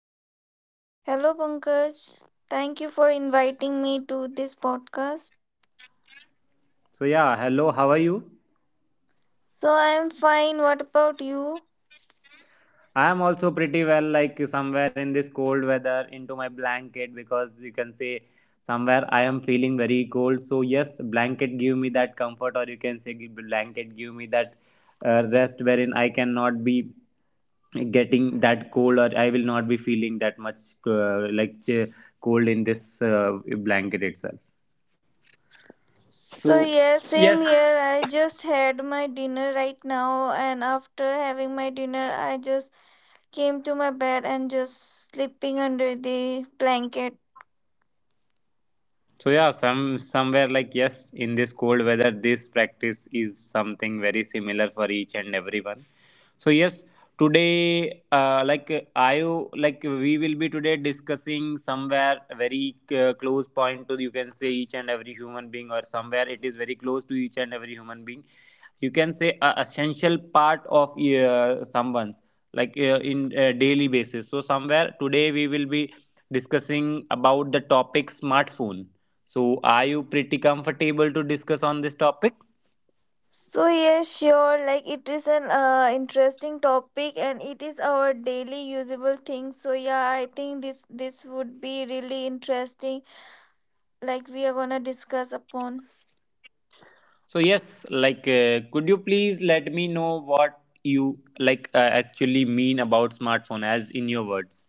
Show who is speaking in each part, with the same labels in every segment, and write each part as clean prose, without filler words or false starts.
Speaker 1: podcast.
Speaker 2: Hello, Pankaj. Thank you for inviting me to this podcast.
Speaker 1: So, yeah, hello, how are you?
Speaker 2: So, I am fine. What about you?
Speaker 1: I am also pretty well, like somewhere in this cold weather into my blanket because you can say somewhere I am feeling very cold. So, yes, blanket give me that comfort, or you can say blanket give me that rest wherein I cannot be getting that cold or I will not be feeling that much uh, like ch- cold in this blanket itself.
Speaker 2: So,
Speaker 1: So,
Speaker 2: yeah,
Speaker 1: yes,
Speaker 2: same here. I just had my dinner right now, and after having my dinner, I just came to my bed and just sleeping under the blanket.
Speaker 1: So yeah, somewhere like yes, in this cold weather, this practice is something very similar for each and everyone. So yes, today, like we will be today discussing somewhere very close point to you can say each and every human being or somewhere it is very close to each and every human being, you can say a essential part of someone's like in daily basis, so somewhere today we will be discussing about the topic smartphone. So are you pretty comfortable to discuss on this topic?
Speaker 2: So, yeah, sure. Like, it is an interesting topic and it is our daily usable thing. So, yeah, I think this would be really interesting. Like, we are gonna discuss upon.
Speaker 1: So yes, like could you please let me know what you actually mean about smartphone as in your words.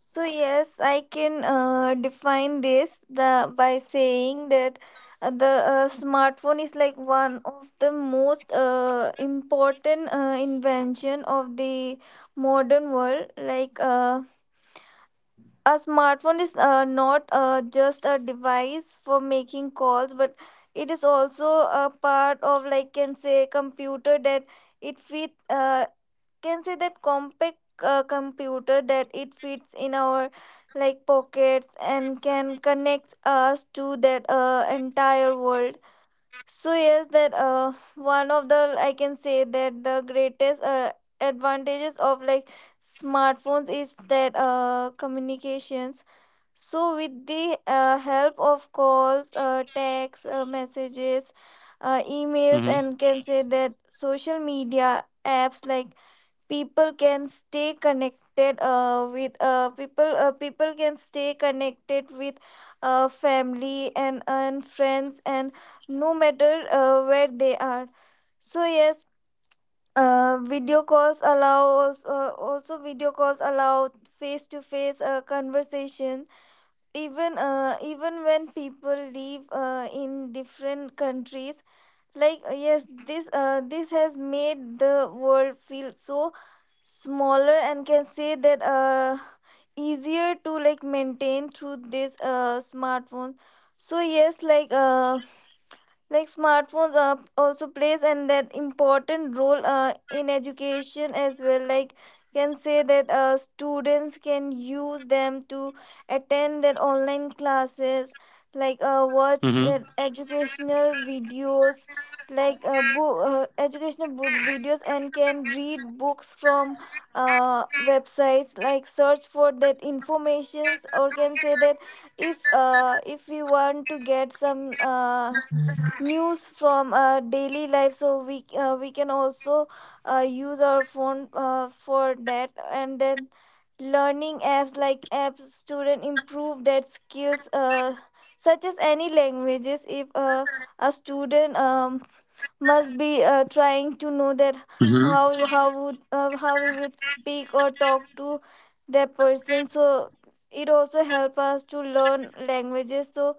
Speaker 2: So yes, I can define this the by saying that the smartphone is like one of the most important invention of the modern world. A smartphone is not just a device for making calls, but it is also a part of, like, can say computer that it fit can say that compact computer that it fits in our like pockets and can connect us to that entire world. So yes, that one of the, I can say, that the greatest advantages of like smartphones is that communications. So with the help of calls, texts, messages, emails
Speaker 1: Mm-hmm.
Speaker 2: and can say that social media apps, like people can stay connected with people people can stay connected with family and friends and no matter where they are. So yes, video calls allow also video calls allow face to face conversation even when people live in different countries. Yes, this has made the world feel so smaller and, can say that, easier to like maintain through this smartphone. So yes, like smartphones also plays an that important role in education as well. Like, can say that students can use them to attend their online classes, watch
Speaker 1: Mm-hmm.
Speaker 2: their educational videos, educational videos and can read books from websites, like search for that informations or can say that if we want to get some news from daily life, so we can also use our phone for that. And then learning apps like apps student improve their skills, such as any languages. If A student must be trying to know that
Speaker 1: Mm-hmm.
Speaker 2: how we would speak or talk to that person, so it also help us to learn languages. So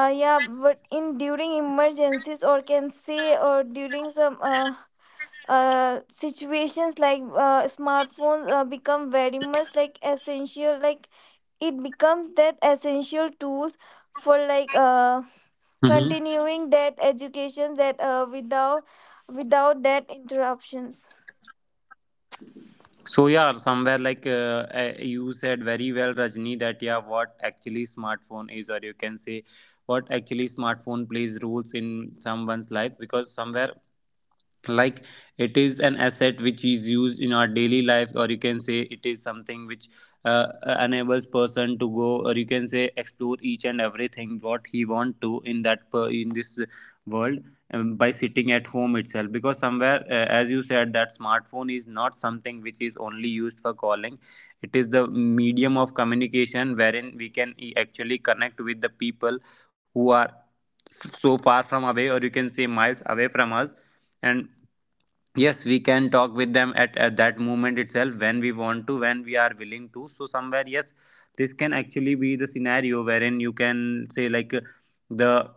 Speaker 2: yeah, but in during emergencies or can say or during some situations, smartphones become very much like essential. Like it becomes that essential tools for
Speaker 1: Mm-hmm.
Speaker 2: continuing that education, that without that interruptions.
Speaker 1: So yeah, somewhere like you said very well, Rajni, that yeah, what actually smartphone is, or you can say what actually smartphone plays roles in someone's life, because somewhere like it is an asset which is used in our daily life, or you can say it is something which enables person to go or you can say explore each and everything what he want to in in this world, by sitting at home itself because somewhere as you said that smartphone is not something which is only used for calling, it is the medium of communication wherein we can actually connect with the people who are so far from away or you can say miles away from us, and yes we can talk with them at that moment itself when we want to when we are willing to, so somewhere yes this can actually be the scenario wherein you can say like the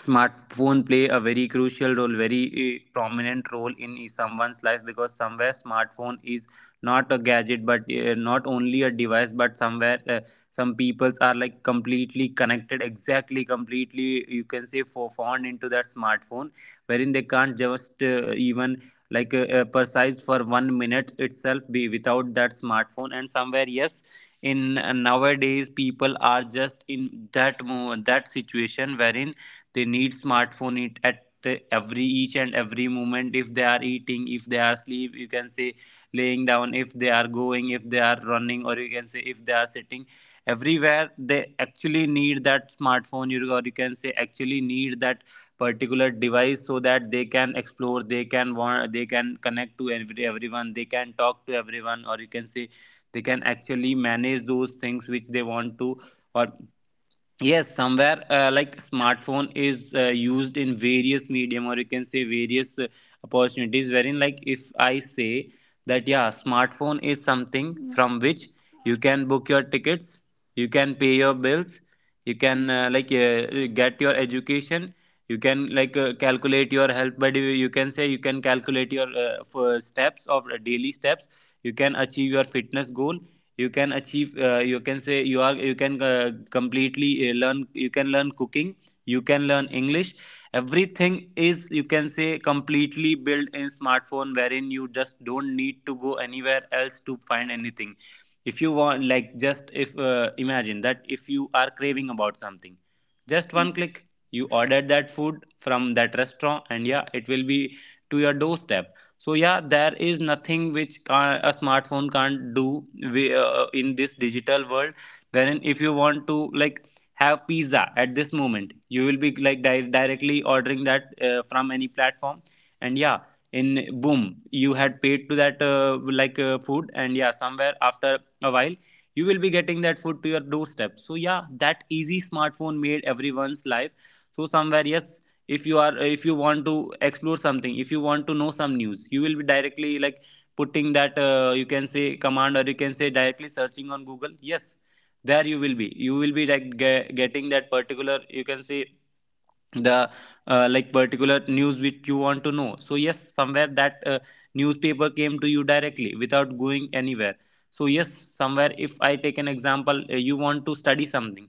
Speaker 1: smartphone play a very crucial role, very prominent role in someone's life, because somewhere smartphone is not a gadget but not only a device but somewhere some peoples are like completely connected, exactly completely you can say for fond into that smartphone, wherein they can't just even like precise for 1 minute itself be without that smartphone, and somewhere yes in nowadays people are just in that situation wherein they need smartphone it at the every each and every moment, if they are eating if they are asleep you can say laying down, if they are going if they are running or you can say if they are sitting, everywhere they actually need that smartphone, or you can say actually need that particular device so that they can explore, they can want, they can connect to everyone, they can talk to everyone or you can say they can actually manage those things which they want to. Or yes, somewhere like smartphone is used in various medium or you can say various opportunities, wherein like if I say that yeah smartphone is something
Speaker 2: Mhm.
Speaker 1: from which you can book your tickets, you can pay your bills, you can get your education, you can like calculate your health but you can say you can calculate your steps of daily steps, you can achieve your fitness goal, you can achieve you can say you are you can completely learn, you can learn cooking, you can learn English, everything is you can say completely built in smartphone, wherein you just don't need to go anywhere else to find anything. If you want, like just if imagine that if you are craving about something, just one
Speaker 2: Mhm.
Speaker 1: click, you ordered that food from that restaurant and yeah it will be to your doorstep. So yeah, there is nothing which a smartphone can't do in this digital world, wherein if you want to like have pizza at this moment you will be like directly ordering that from any platform, and yeah in boom you had paid to that food and yeah somewhere after a while you will be getting that food to your doorstep, so yeah that easy smartphone made everyone's life. So somewhere yes, if you are if you want to explore something, if you want to know some news, you will be directly like putting that you can say command or you can say directly searching on Google, yes there you will be like getting that particular, you can say the like particular news which you want to know, so yes somewhere that newspaper came to you directly without going anywhere. So yes, somewhere if I take an example, you want to study something,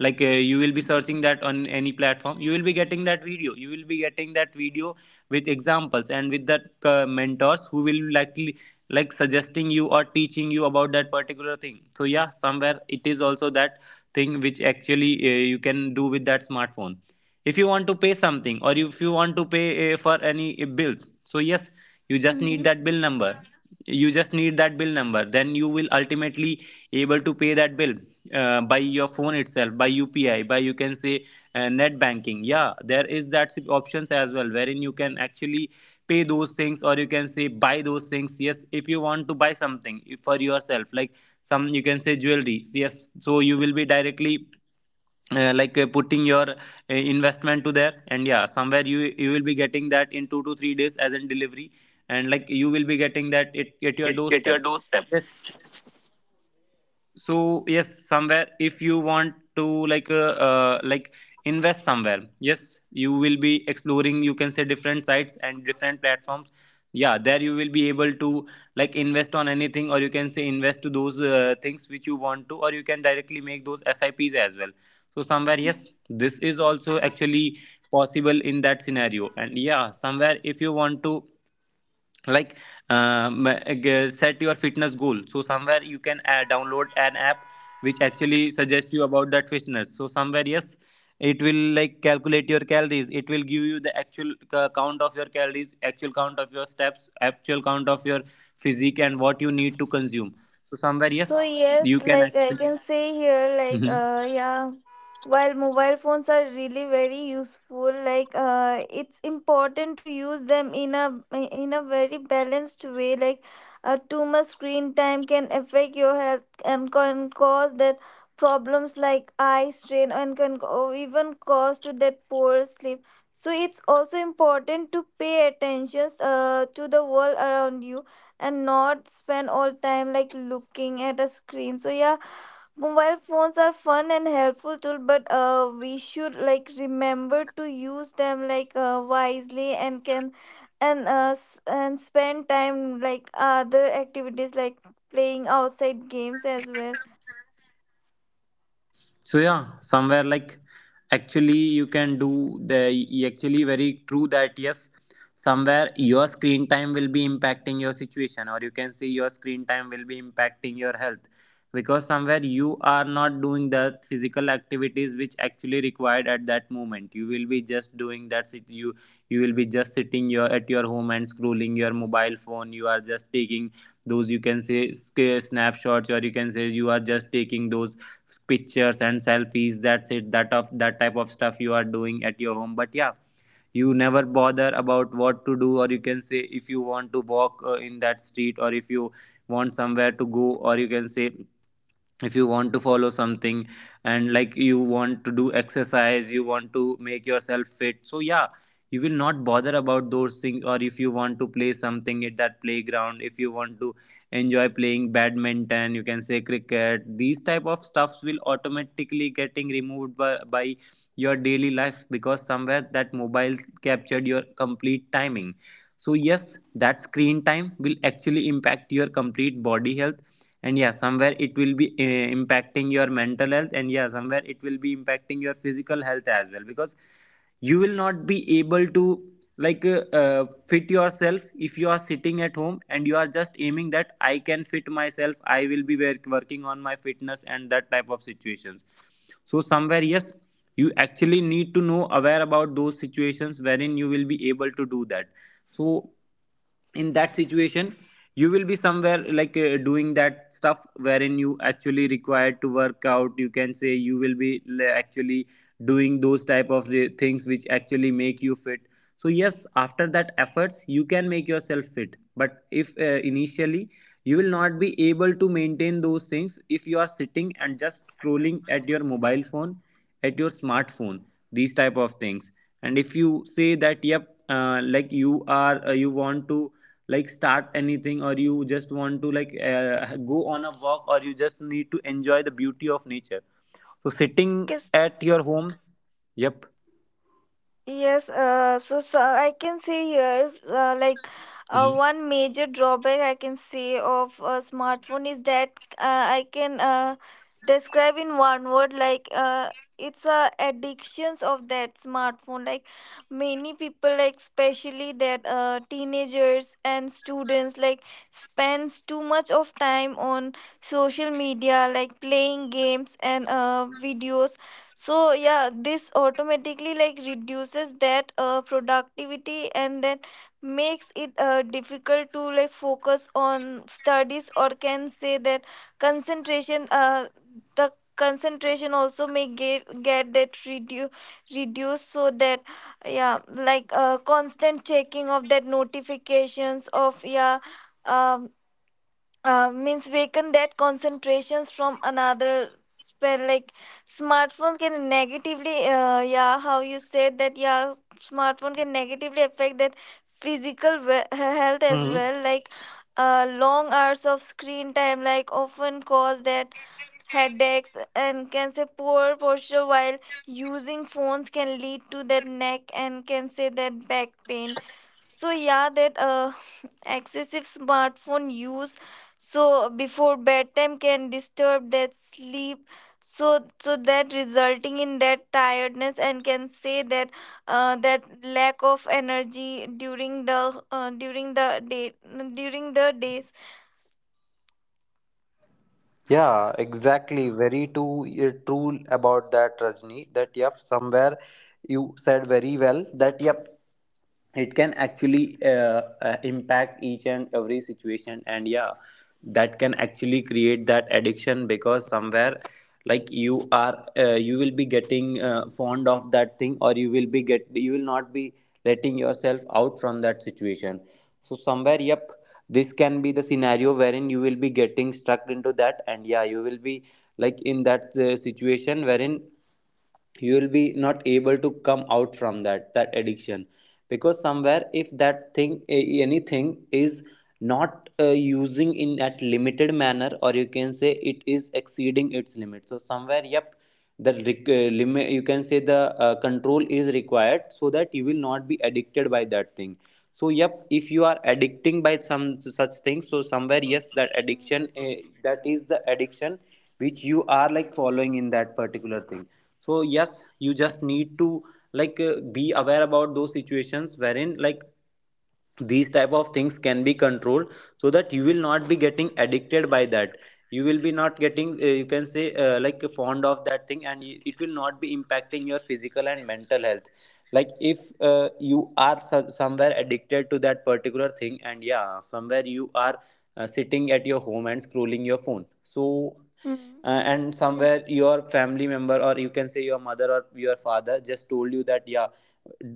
Speaker 1: like you will be searching that on any platform, you will be getting that video you will be getting that video with examples and with that mentors who will likely like suggesting you or teaching you about that particular thing, so yeah somewhere it is also that thing which actually you can do with that smartphone. If you want to pay something, or if you want to pay for any bills, so yes you just
Speaker 2: Mhm.
Speaker 1: need
Speaker 2: Mhm.
Speaker 1: that bill number you just need that bill number then you will ultimately able to pay that bill by your phone itself, by UPI, by you can say net banking, yeah there is that options as well, wherein you can actually pay those things or you can say buy those things. Yes, if you want to buy something for yourself like some you can say jewelry, yes so you will be directly putting your investment to there, and yeah somewhere you will be getting that in 2 to 3 days as in delivery, and like you will be getting that it at your doorstep, yes. So yes somewhere if you want to like invest somewhere, yes you will be exploring you can say different sites and different platforms, yeah there you will be able to like invest on anything or you can say invest to those things which you want to, or you can directly make those sips as well, so somewhere
Speaker 2: Mhm.
Speaker 1: yes this is also actually possible in that scenario. And yeah somewhere if you want to like um, set your fitness goal, so somewhere you can download an app which actually suggests you about that fitness, so somewhere yes it will like calculate your calories, it will give you the actual count of your calories, actual count of your steps, actual count of your physique and what you need to consume, so somewhere
Speaker 2: So
Speaker 1: yes
Speaker 2: yes,
Speaker 1: you can
Speaker 2: like I
Speaker 1: actually.
Speaker 2: can say here, while mobile phones are really very useful, like it's important to use them in a very balanced way. Too much screen time can affect your health and can cause that problems like eye strain and even cause to that poor sleep. So it's also important to pay attention to the world around you and not spend all time like looking at a screen. So yeah, mobile phones are fun and helpful tool, but we should like remember to use them wisely and spend time like other activities like playing outside games as well.
Speaker 1: So yeah somewhere like actually you can do actually very true that yes, somewhere your screen time will be impacting your situation or you can see your screen time will be impacting your health, because somewhere you are not doing the physical activities which actually required at that moment, you will be just doing that, you will be just sitting your at your home and scrolling your mobile phone, you are just taking those you can say snapshots, or you can say you are just taking those pictures and selfies, that's it, that of that type of stuff you are doing at your home, but yeah you never bother about what to do, or you can say if you want to walk in that street, or if you want somewhere to go, or you can say if you want to follow something and like you want to do exercise, you want to make yourself fit, so yeah you will not bother about those things, or if you want to play something at that playground, if you want to enjoy playing badminton you can say cricket, these type of stuffs will automatically getting removed by your daily life, because somewhere that mobile captured your complete timing. So yes that screen time will actually impact your complete body health, and yeah somewhere it will be impacting your mental health, and yeah somewhere it will be impacting your physical health as well, because you will not be able to like fit yourself if you are sitting at home and you are just aiming that I can fit myself, I will be working on my fitness and that type of situations. So somewhere yes, you actually need to know aware about those situations wherein you will be able to do that, so in that situation, you will be somewhere like doing that stuff wherein you actually required to work out, you can say you will be actually doing those type of things which actually make you fit. So yes, after that efforts you can make yourself fit, but if initially you will not be able to maintain those things if you are sitting and just scrolling at your mobile phone, at your smartphone, these type of things. And if you say that yep, like you are you want to like start anything, or you just want to like go on a walk, or you just need to enjoy the beauty of nature, so sitting
Speaker 2: 'Cause
Speaker 1: at your home, yep.
Speaker 2: yes, I can see here, one major drawback I can say of a smartphone is that I can describe in one word, it's a addictions of that smartphone. Like many people, like especially that teenagers and students, like spends too much of time on social media, like playing games and videos. So yeah, this automatically like reduces that productivity and then makes it difficult to like focus on studies or can say that concentration uh, the concentration also may get that reduced. So that yeah, like constant checking of that notifications of yeah um means weaken that concentrations from another spell. Like smartphone can negatively yeah how you said that yeah smartphone can negatively affect that physical health as
Speaker 1: Mhm.
Speaker 2: well. Like long hours of screen time like often cause that headaches and can say poor posture while using phones can lead to that neck and can say that back pain. So yeah, that excessive smartphone use so before bedtime can disturb that sleep. So so that resulting in that tiredness and can say that that lack of energy during the days.
Speaker 1: Yeah, exactly. Very true. True about that, Rajni. That yep, somewhere you said very well. That yep, it can actually impact each and every situation, and yeah that can actually create that addiction, because somewhere like you are you will be getting fond of that thing, or you will be get you will not be letting yourself out from that situation. So somewhere yep, this can be the scenario wherein you will be getting stuck into that, and yeah you will be like in that situation wherein you will be not able to come out from that addiction, because somewhere if that thing anything is not using in that limited manner, or you can say it is exceeding its limit, so somewhere yep, the limit, you can say the control is required, so that you will not be addicted by that thing. So yep, if you are addicting by some such things, so somewhere yes, that addiction that is the addiction which you are like following in that particular thing. So yes, you just need to like be aware about those situations wherein like these type of things can be controlled, so that you will not be getting addicted by that. You will be not getting you can say like fond of that thing, and it will not be impacting your physical and mental health. Like if you are somewhere addicted to that particular thing, and yeah somewhere you are sitting at your home and scrolling your phone, so
Speaker 2: Mhm.
Speaker 1: and somewhere your family member, or you can say your mother or your father just told you that yeah,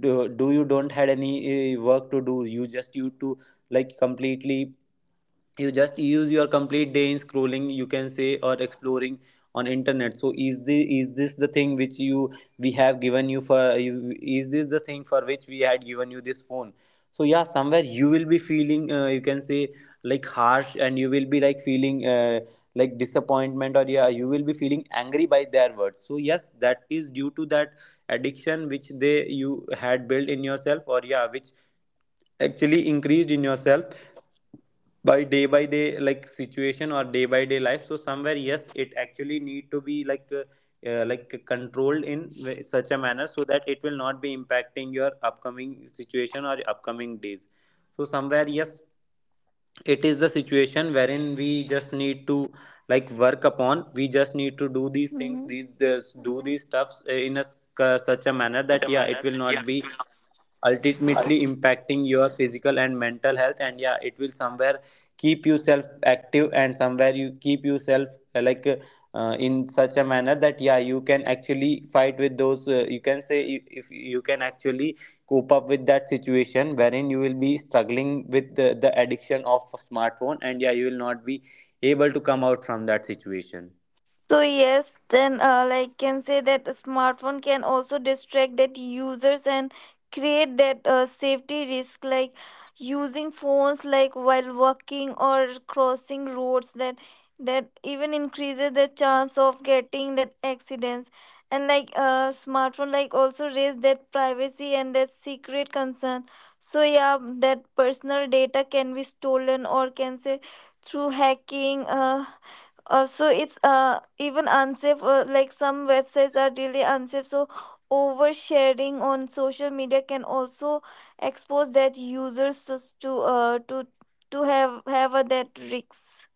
Speaker 1: do, do you don't had any work to do, you just you to like completely you just use your complete day in scrolling, you can say, or exploring on internet. So is the is this the thing which you we have given you for is this the thing for which we had given you this phone? So yeah, somewhere you will be feeling you can say like harsh, and you will be like feeling like disappointment, or yeah you will be feeling angry by their words. So yes, that is due to that addiction which they you had built in yourself, or yeah which actually increased in yourself by day like situation or day by day life. So somewhere yes, it actually need to be like controlled in such a manner so that it will not be impacting your upcoming situation or upcoming days. So somewhere yes, it is the situation wherein we just need to like work upon, we just need to do these things these this, do these stuffs in a such a manner that yeah it will not be ultimately impacting your physical and mental health, and yeah it will somewhere keep yourself active, and somewhere you keep yourself like in such a manner that yeah you can actually fight with those you can say if you can actually cope up with that situation wherein you will be struggling with the addiction of a smartphone, and yeah you will not be able to come out from that situation.
Speaker 2: So yes, then like can say that a smartphone can also distract that users and create that safety risk, like using phones like while walking or crossing roads, that even increases the chance of getting that accidents. And smartphone like also raise that privacy and that secret concern. So yeah, that personal data can be stolen or can say through hacking so it's even unsafe, like some websites are really unsafe. So oversharing on social media can also expose that users to have a, that risks.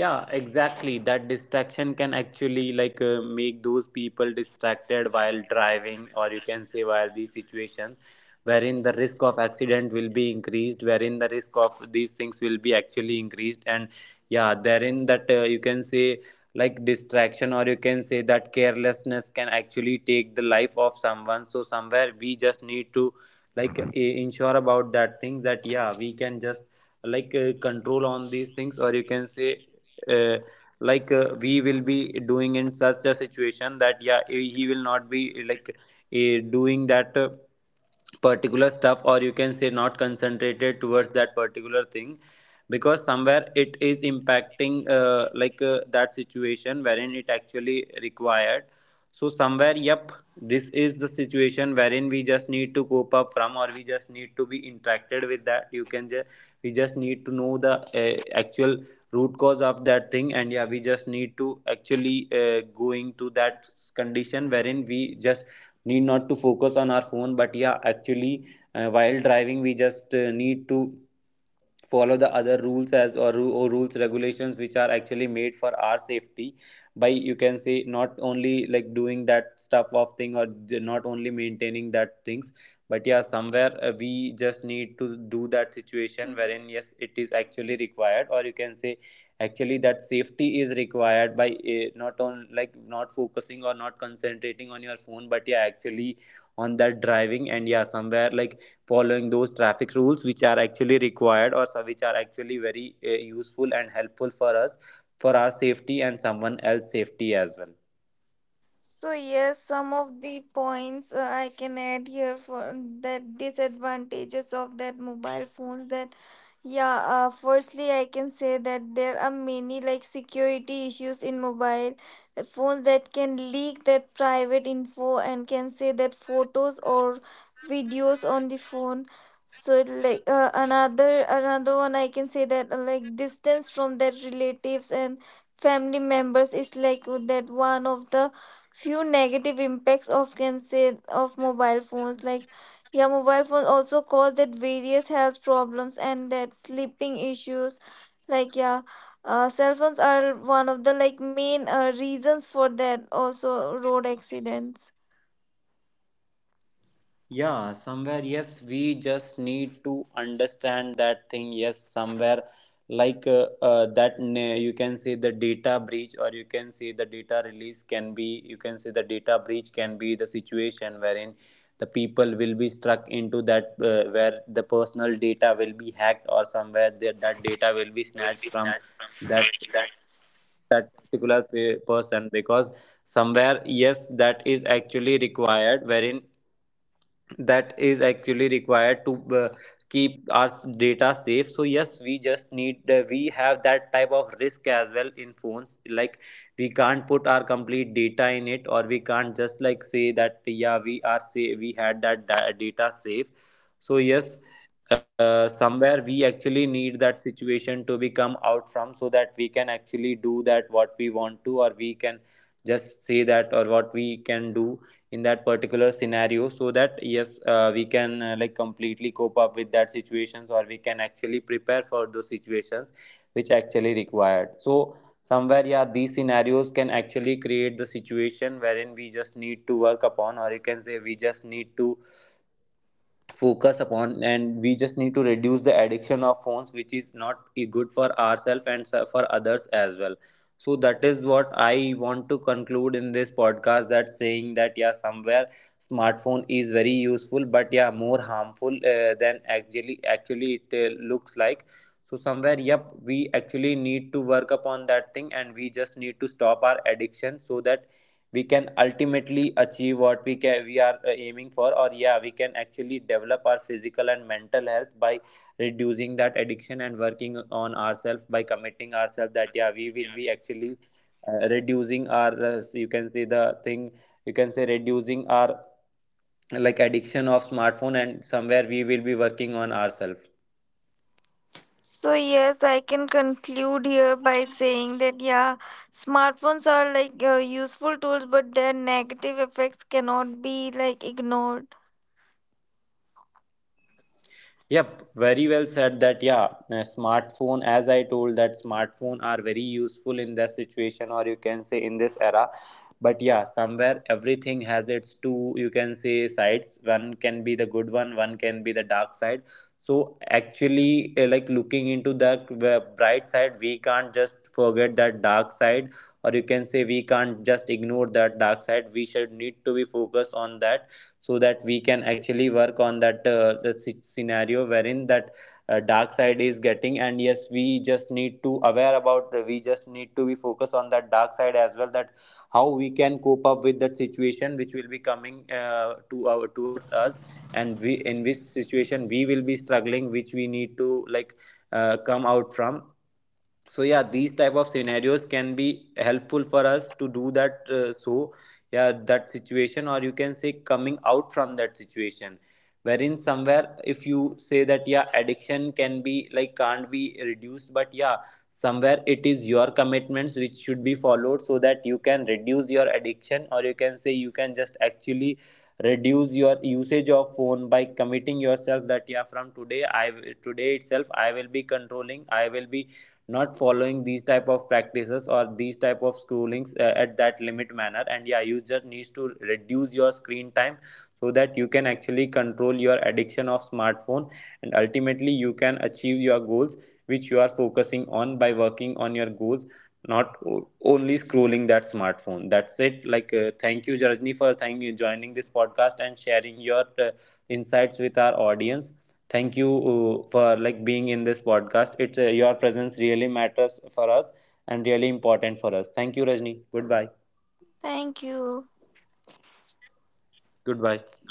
Speaker 1: Yeah exactly, that distraction can actually like make those people distracted while driving, or you can say while these situations wherein the risk of accident will be increased, wherein the risk of these things will be actually increased. And yeah, therein that you can say like distraction, or you can say that carelessness can actually take the life of someone. So somewhere we just need to like ensure about that thing, that yeah we can just like control on these things, or you can say uh, like we will be doing in such a situation that yeah he will not be like doing that. Particular stuff, or you can say not concentrated towards that particular thing, because somewhere it is impacting like that situation wherein it actually required. So somewhere yep, this is the situation wherein we just need to cope up from, or we just need to be interacted with that, you can just we just need to know the actual root cause of that thing. And yeah, we just need to actually going to that condition wherein we just need not to focus on our phone, but yeah actually while driving we just need to follow the other rules or rules regulations which are actually made for our safety, by you can say not only like doing that stuff of thing, or not only maintaining that things, but yeah somewhere we just need to do that situation
Speaker 2: Mhm.
Speaker 1: wherein yes it is actually required, or you can say actually that safety is required by not on like not focusing or not concentrating on your phone, but yeah actually on that driving, and yeah somewhere like following those traffic rules which are actually required, or so which are actually very useful and helpful for us, for our safety and someone else's safety as well.
Speaker 2: So yes, some of the points I can add here for that disadvantages of that mobile phones, that yeah, firstly I can say that there are many like security issues in mobile phones that can leak that private info and can say that photos or videos on the phone. So like another one I can say that like distance from their relatives and family members is like that one of the few negative impacts of, can say, of mobile phones. Like yeah, mobile phones also cause that various health problems and that sleeping issues, like yeah, cell phones are one of the like main reasons for that also road accidents.
Speaker 1: Yeah, somewhere, yes, we just need to understand that thing. Yes, somewhere like that, you can say the data breach, or you can say the data release can be, you can say the data breach can be the situation wherein the people will be struck into that, where the personal data will be hacked, or somewhere that, that data will be snatched from that that particular person, because somewhere yes that is actually required wherein that is actually required to keep our data safe. So yes, we just need we have that type of risk as well in phones, like we can't put our complete data in it, or we can't just like say that yeah we are say we had that data safe. So yes, somewhere we actually need that situation to become out from, so that we can actually do that what we want to, or we can just say that or what we can do in that particular scenario, so that yes we can like completely cope up with that situations, or we can actually prepare for those situations which actually required. So somewhere yeah, these scenarios can actually create the situation wherein we just need to work upon, or you can say we just need to focus upon, and we just need to reduce the addiction of phones which is not good for ourselves and for others as well. So that is what I want to conclude in this podcast, that saying that yeah somewhere smartphone is very useful, but yeah more harmful than actually it looks like. So somewhere yep, we actually need to work upon that thing, and we just need to stop our addiction, so that we can ultimately achieve what we can we are aiming for, or yeah we can actually develop our physical and mental health by reducing that addiction and working on ourselves, by committing ourselves that yeah we will be actually reducing our you can say the thing, you can say reducing our like addiction of smartphone, and somewhere we will be working on ourselves.
Speaker 2: So yes, I can conclude here by saying that yeah, smartphones are like useful tools, but their negative effects cannot be like ignored.
Speaker 1: Yep, very well said that. Yeah, smartphone, as I told, that smartphone are very useful in that situation, or you can say in this era. But yeah, somewhere everything has its two, you can say, sides. One can be the good one, one can be the dark side. So actually, like looking into that bright side, we can't just forget that dark side, or you can say we can't just ignore that dark side. We should need to be focused on that, so that we can actually work on that the scenario wherein that dark side is getting. And yes, we just need to aware about we just need to be focused on that dark side as well, that how we can cope up with that situation which will be coming to our towards us, and we in which situation we will be struggling, which we need to like come out from. So yeah, these type of scenarios can be helpful for us to do that so yeah, that situation, or you can say coming out from that situation wherein somewhere if you say that yeah addiction can be like can't be reduced, but yeah somewhere it is your commitments which should be followed, so that you can reduce your addiction, or you can say you can just actually reduce your usage of phone by committing yourself that yeah from today today itself I will be controlling, I will be not following these type of practices or these type of schoolings at that limit manner. And yeah, you just needs to reduce your screen time so that you can actually control your addiction of smartphone, and ultimately you can achieve your goals which you are focusing on, by working on your goals, not only scrolling that smartphone. That's it, like thank you Jarajni for thank you joining this podcast and sharing your insights with our audience. Thank you for like being in this podcast, it's your presence really matters for us and really important for us. Thank you Rajni, goodbye.
Speaker 2: Thank you.
Speaker 1: Goodbye.